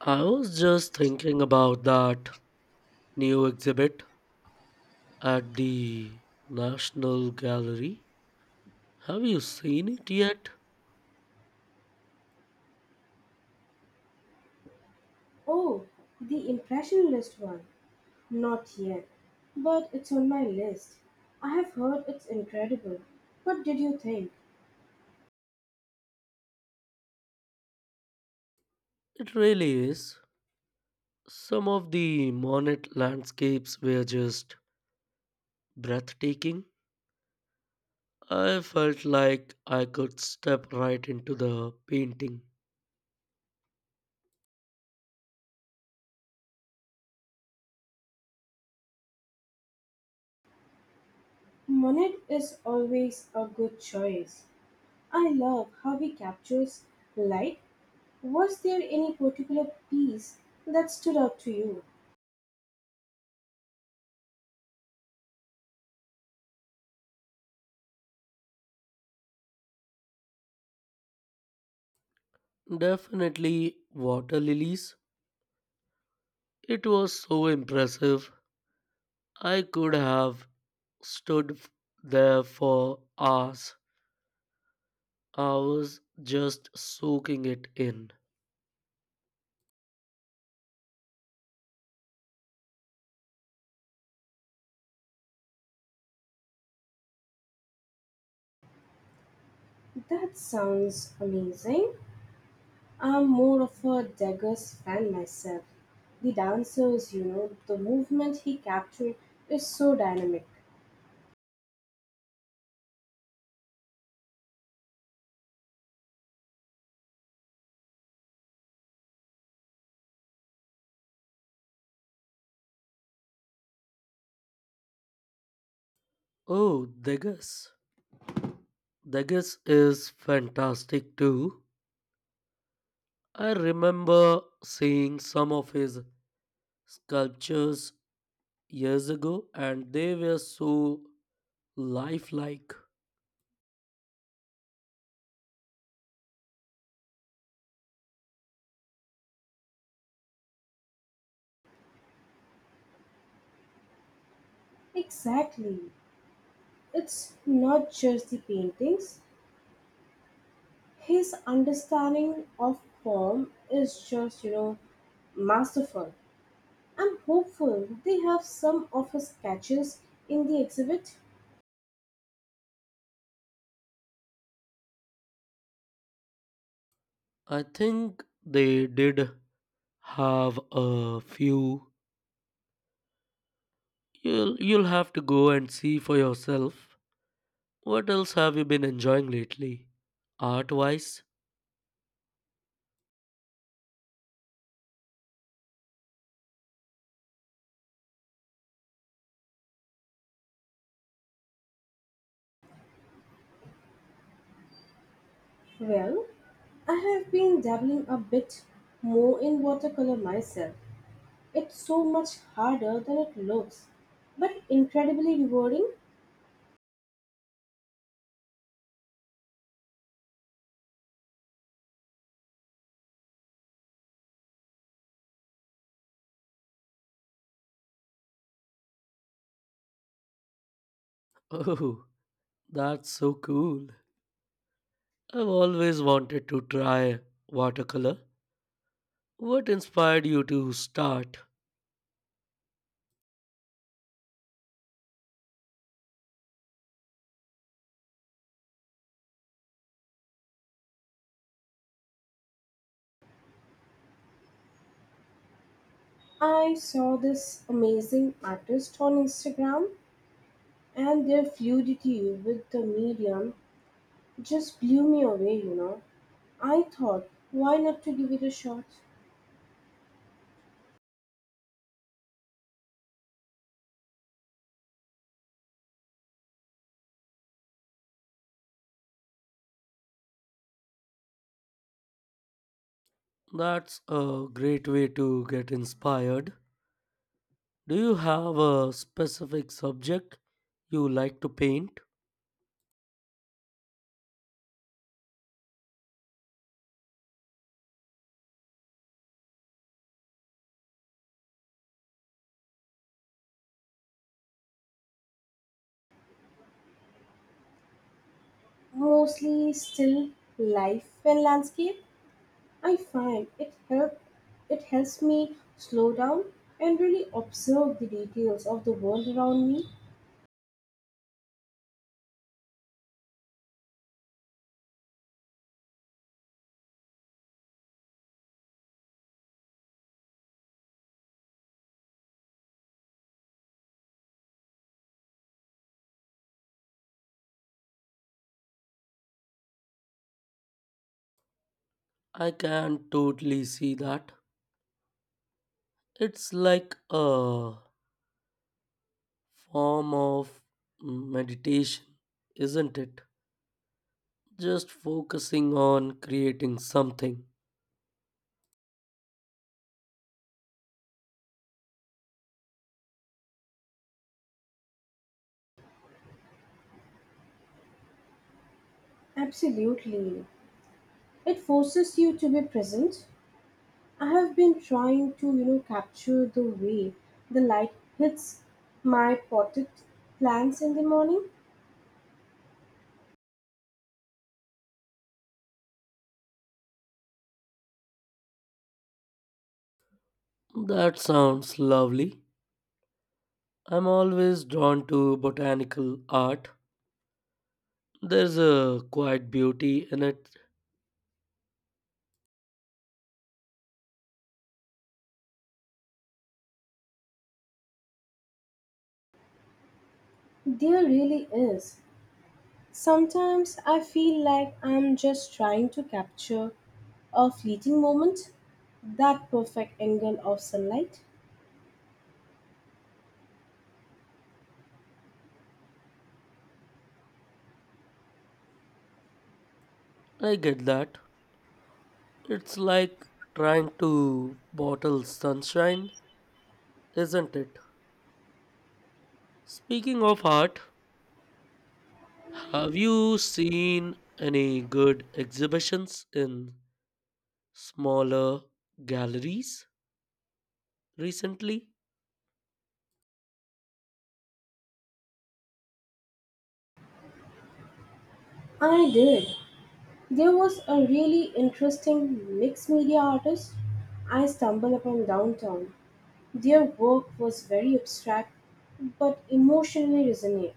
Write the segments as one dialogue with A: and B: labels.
A: I was just thinking about that new exhibit at the National Gallery. Have you seen it yet?
B: Oh, the Impressionist one. Not yet, but it's on my list. I have heard it's incredible. What did you think?
A: It really is. Some of the Monet landscapes were just breathtaking. I felt like I could step right into the painting.
B: Monet is always a good choice. I love how he captures light. Was there any particular piece that stood out to you?
A: Definitely water lilies. It was so impressive. I could have stood f- there for hours. I was just soaking it in.
B: That sounds amazing. I'm more of a Degas fan myself. The dancers, you know, the movement he captured is so dynamic.
A: Oh, Degas. Degas is fantastic too. I remember seeing some of his sculptures years ago and they were so lifelike.
B: Exactly. It's not just the paintings. His understanding of form is just, you know, masterful. I'm hopeful they have some of his sketches in the exhibit.
A: I think they did have a few. You'll have to go and see for yourself. What else have you been enjoying lately? Art wise?
B: Well, I have been dabbling a bit more in watercolor myself. It's so much harder than it looks, but incredibly rewarding.
A: Oh, that's so cool. I've always wanted to try watercolor. What inspired you to start?
B: I saw this amazing artist on Instagram and their fluidity with the medium just blew me away, you know. I thought, why not to give it a shot?
A: That's a great way to get inspired. Do you have a specific subject you like to paint?
B: Mostly still life and landscape. I find it helps me slow down and really observe the details of the world around me.
A: I can totally see that. It's like a form of meditation, isn't it? Just focusing on creating something.
B: Absolutely. It forces you to be present. I have been trying to, you know, capture the way the light hits my potted plants in the morning.
A: That sounds lovely. I'm always drawn to botanical art. There's a quiet beauty in it.
B: There really is. Sometimes I feel like I'm just trying to capture a fleeting moment, that perfect angle of sunlight.
A: I get that. It's like trying to bottle sunshine, isn't it? Speaking of art, have you seen any good exhibitions in smaller galleries recently?
B: I did. There was a really interesting mixed media artist I stumbled upon downtown. Their work was very abstract but emotionally resonant.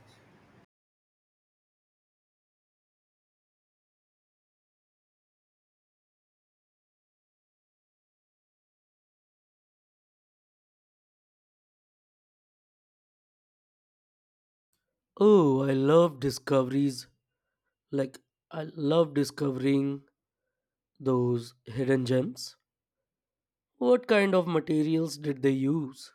A: Oh, I love discoveries. Like, I love discovering those hidden gems. What kind of materials did they use?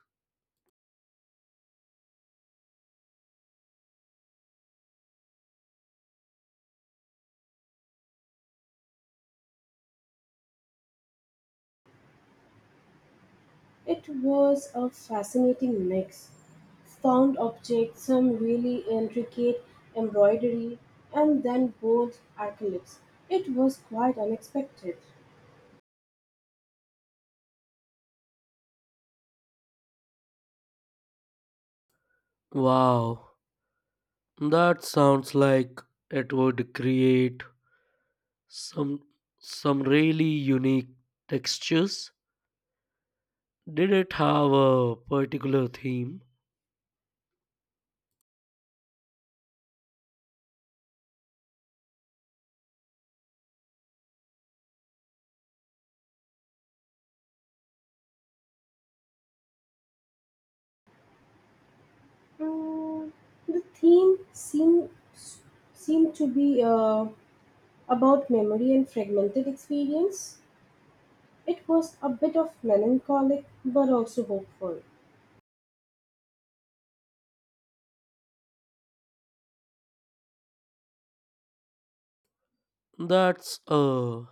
B: It was a fascinating mix. Found objects, some really intricate embroidery, and then bold acrylics. It was quite unexpected.
A: Wow, that sounds like it would create some some really unique textures. Did it have a particular theme?
B: Mm, the theme seemed to be about memory and fragmented experience. It was a bit of melancholic but also hopeful.
A: That's a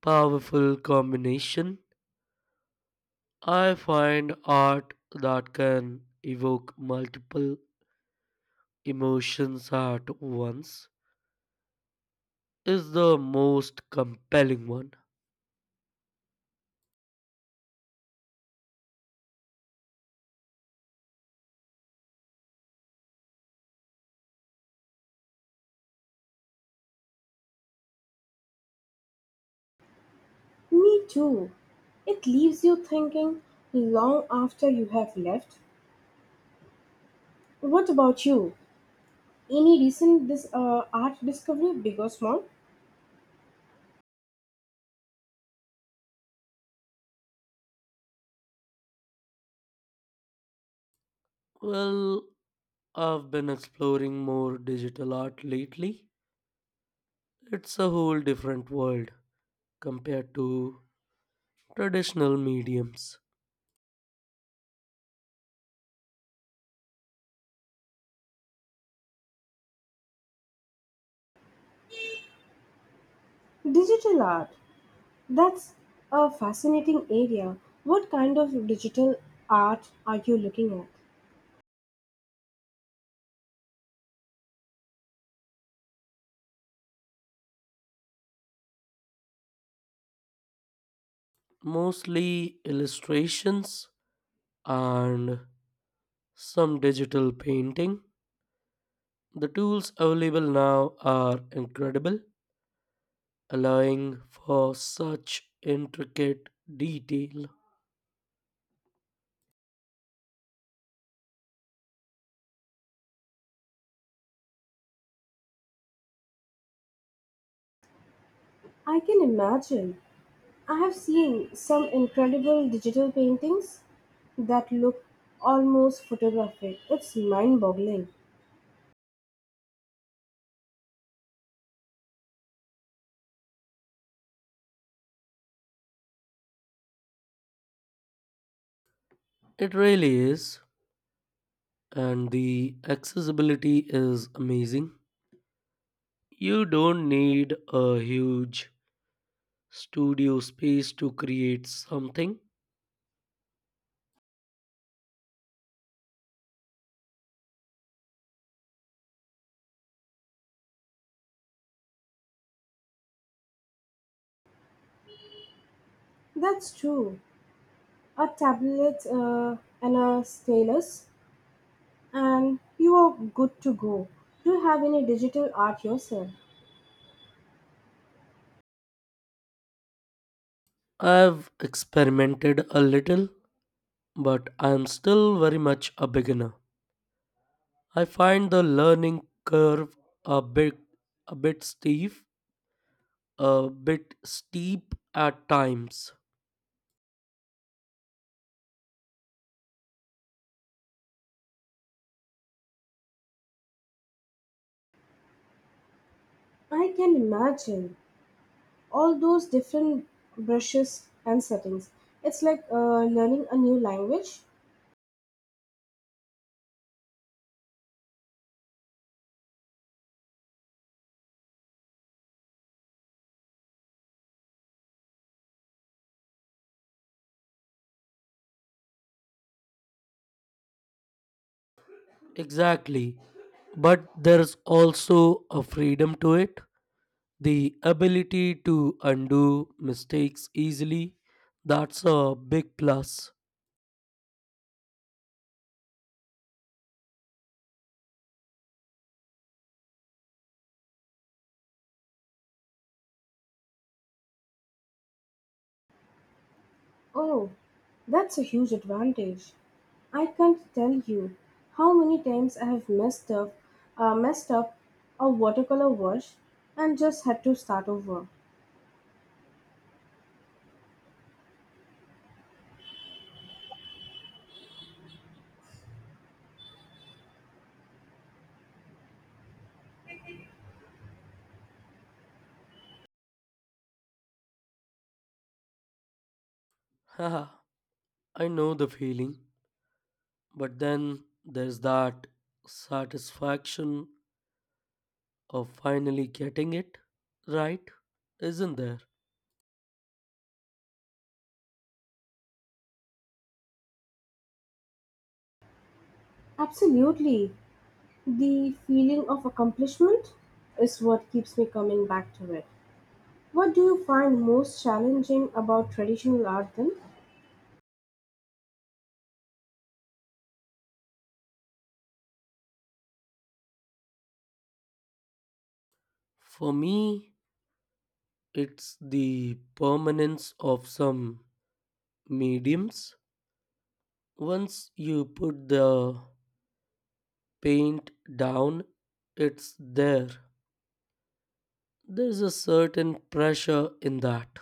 A: powerful combination. I find art that can evoke multiple emotions at once is the most compelling one.
B: Me too. It leaves you thinking long after you have left. What about you? Any recent this art discovery, big or small?
A: Well, I've been exploring more digital art lately. It's a whole different world compared to traditional mediums,
B: Digital art. That's a fascinating area. What kind of digital art are you looking at?
A: mostly illustrations and some digital painting. The tools available now are incredible, allowing for such intricate detail.
B: I can imagine. I have seen some incredible digital paintings that look almost photographic. It's mind boggling.
A: It really is, and the accessibility is amazing. You don't need a huge studio space to create something.
B: That's true. A tablet and a stylus, and you are good to go. Do you have any digital art yourself?
A: I've experimented a little, but I'm still very much a beginner. I find the learning curve a bit a bit steep, a bit steep at times.
B: I can imagine. All those different brushes and settings. It's like learning a new language.
A: Exactly. But there's also a freedom to it, the ability to undo mistakes easily. That's a big plus.
B: Oh, that's a huge advantage. I can't tell you how many times I have messed up a watercolor wash and just had to start over.
A: Haha, I know the feeling. But then there's that satisfaction of finally getting it right, isn't there?
B: Absolutely, the feeling of accomplishment is what keeps me coming back to it. What do you find most challenging about traditional art then?
A: For me, it's the permanence of some mediums. Once you put the paint down, it's there. There's a certain pressure in that.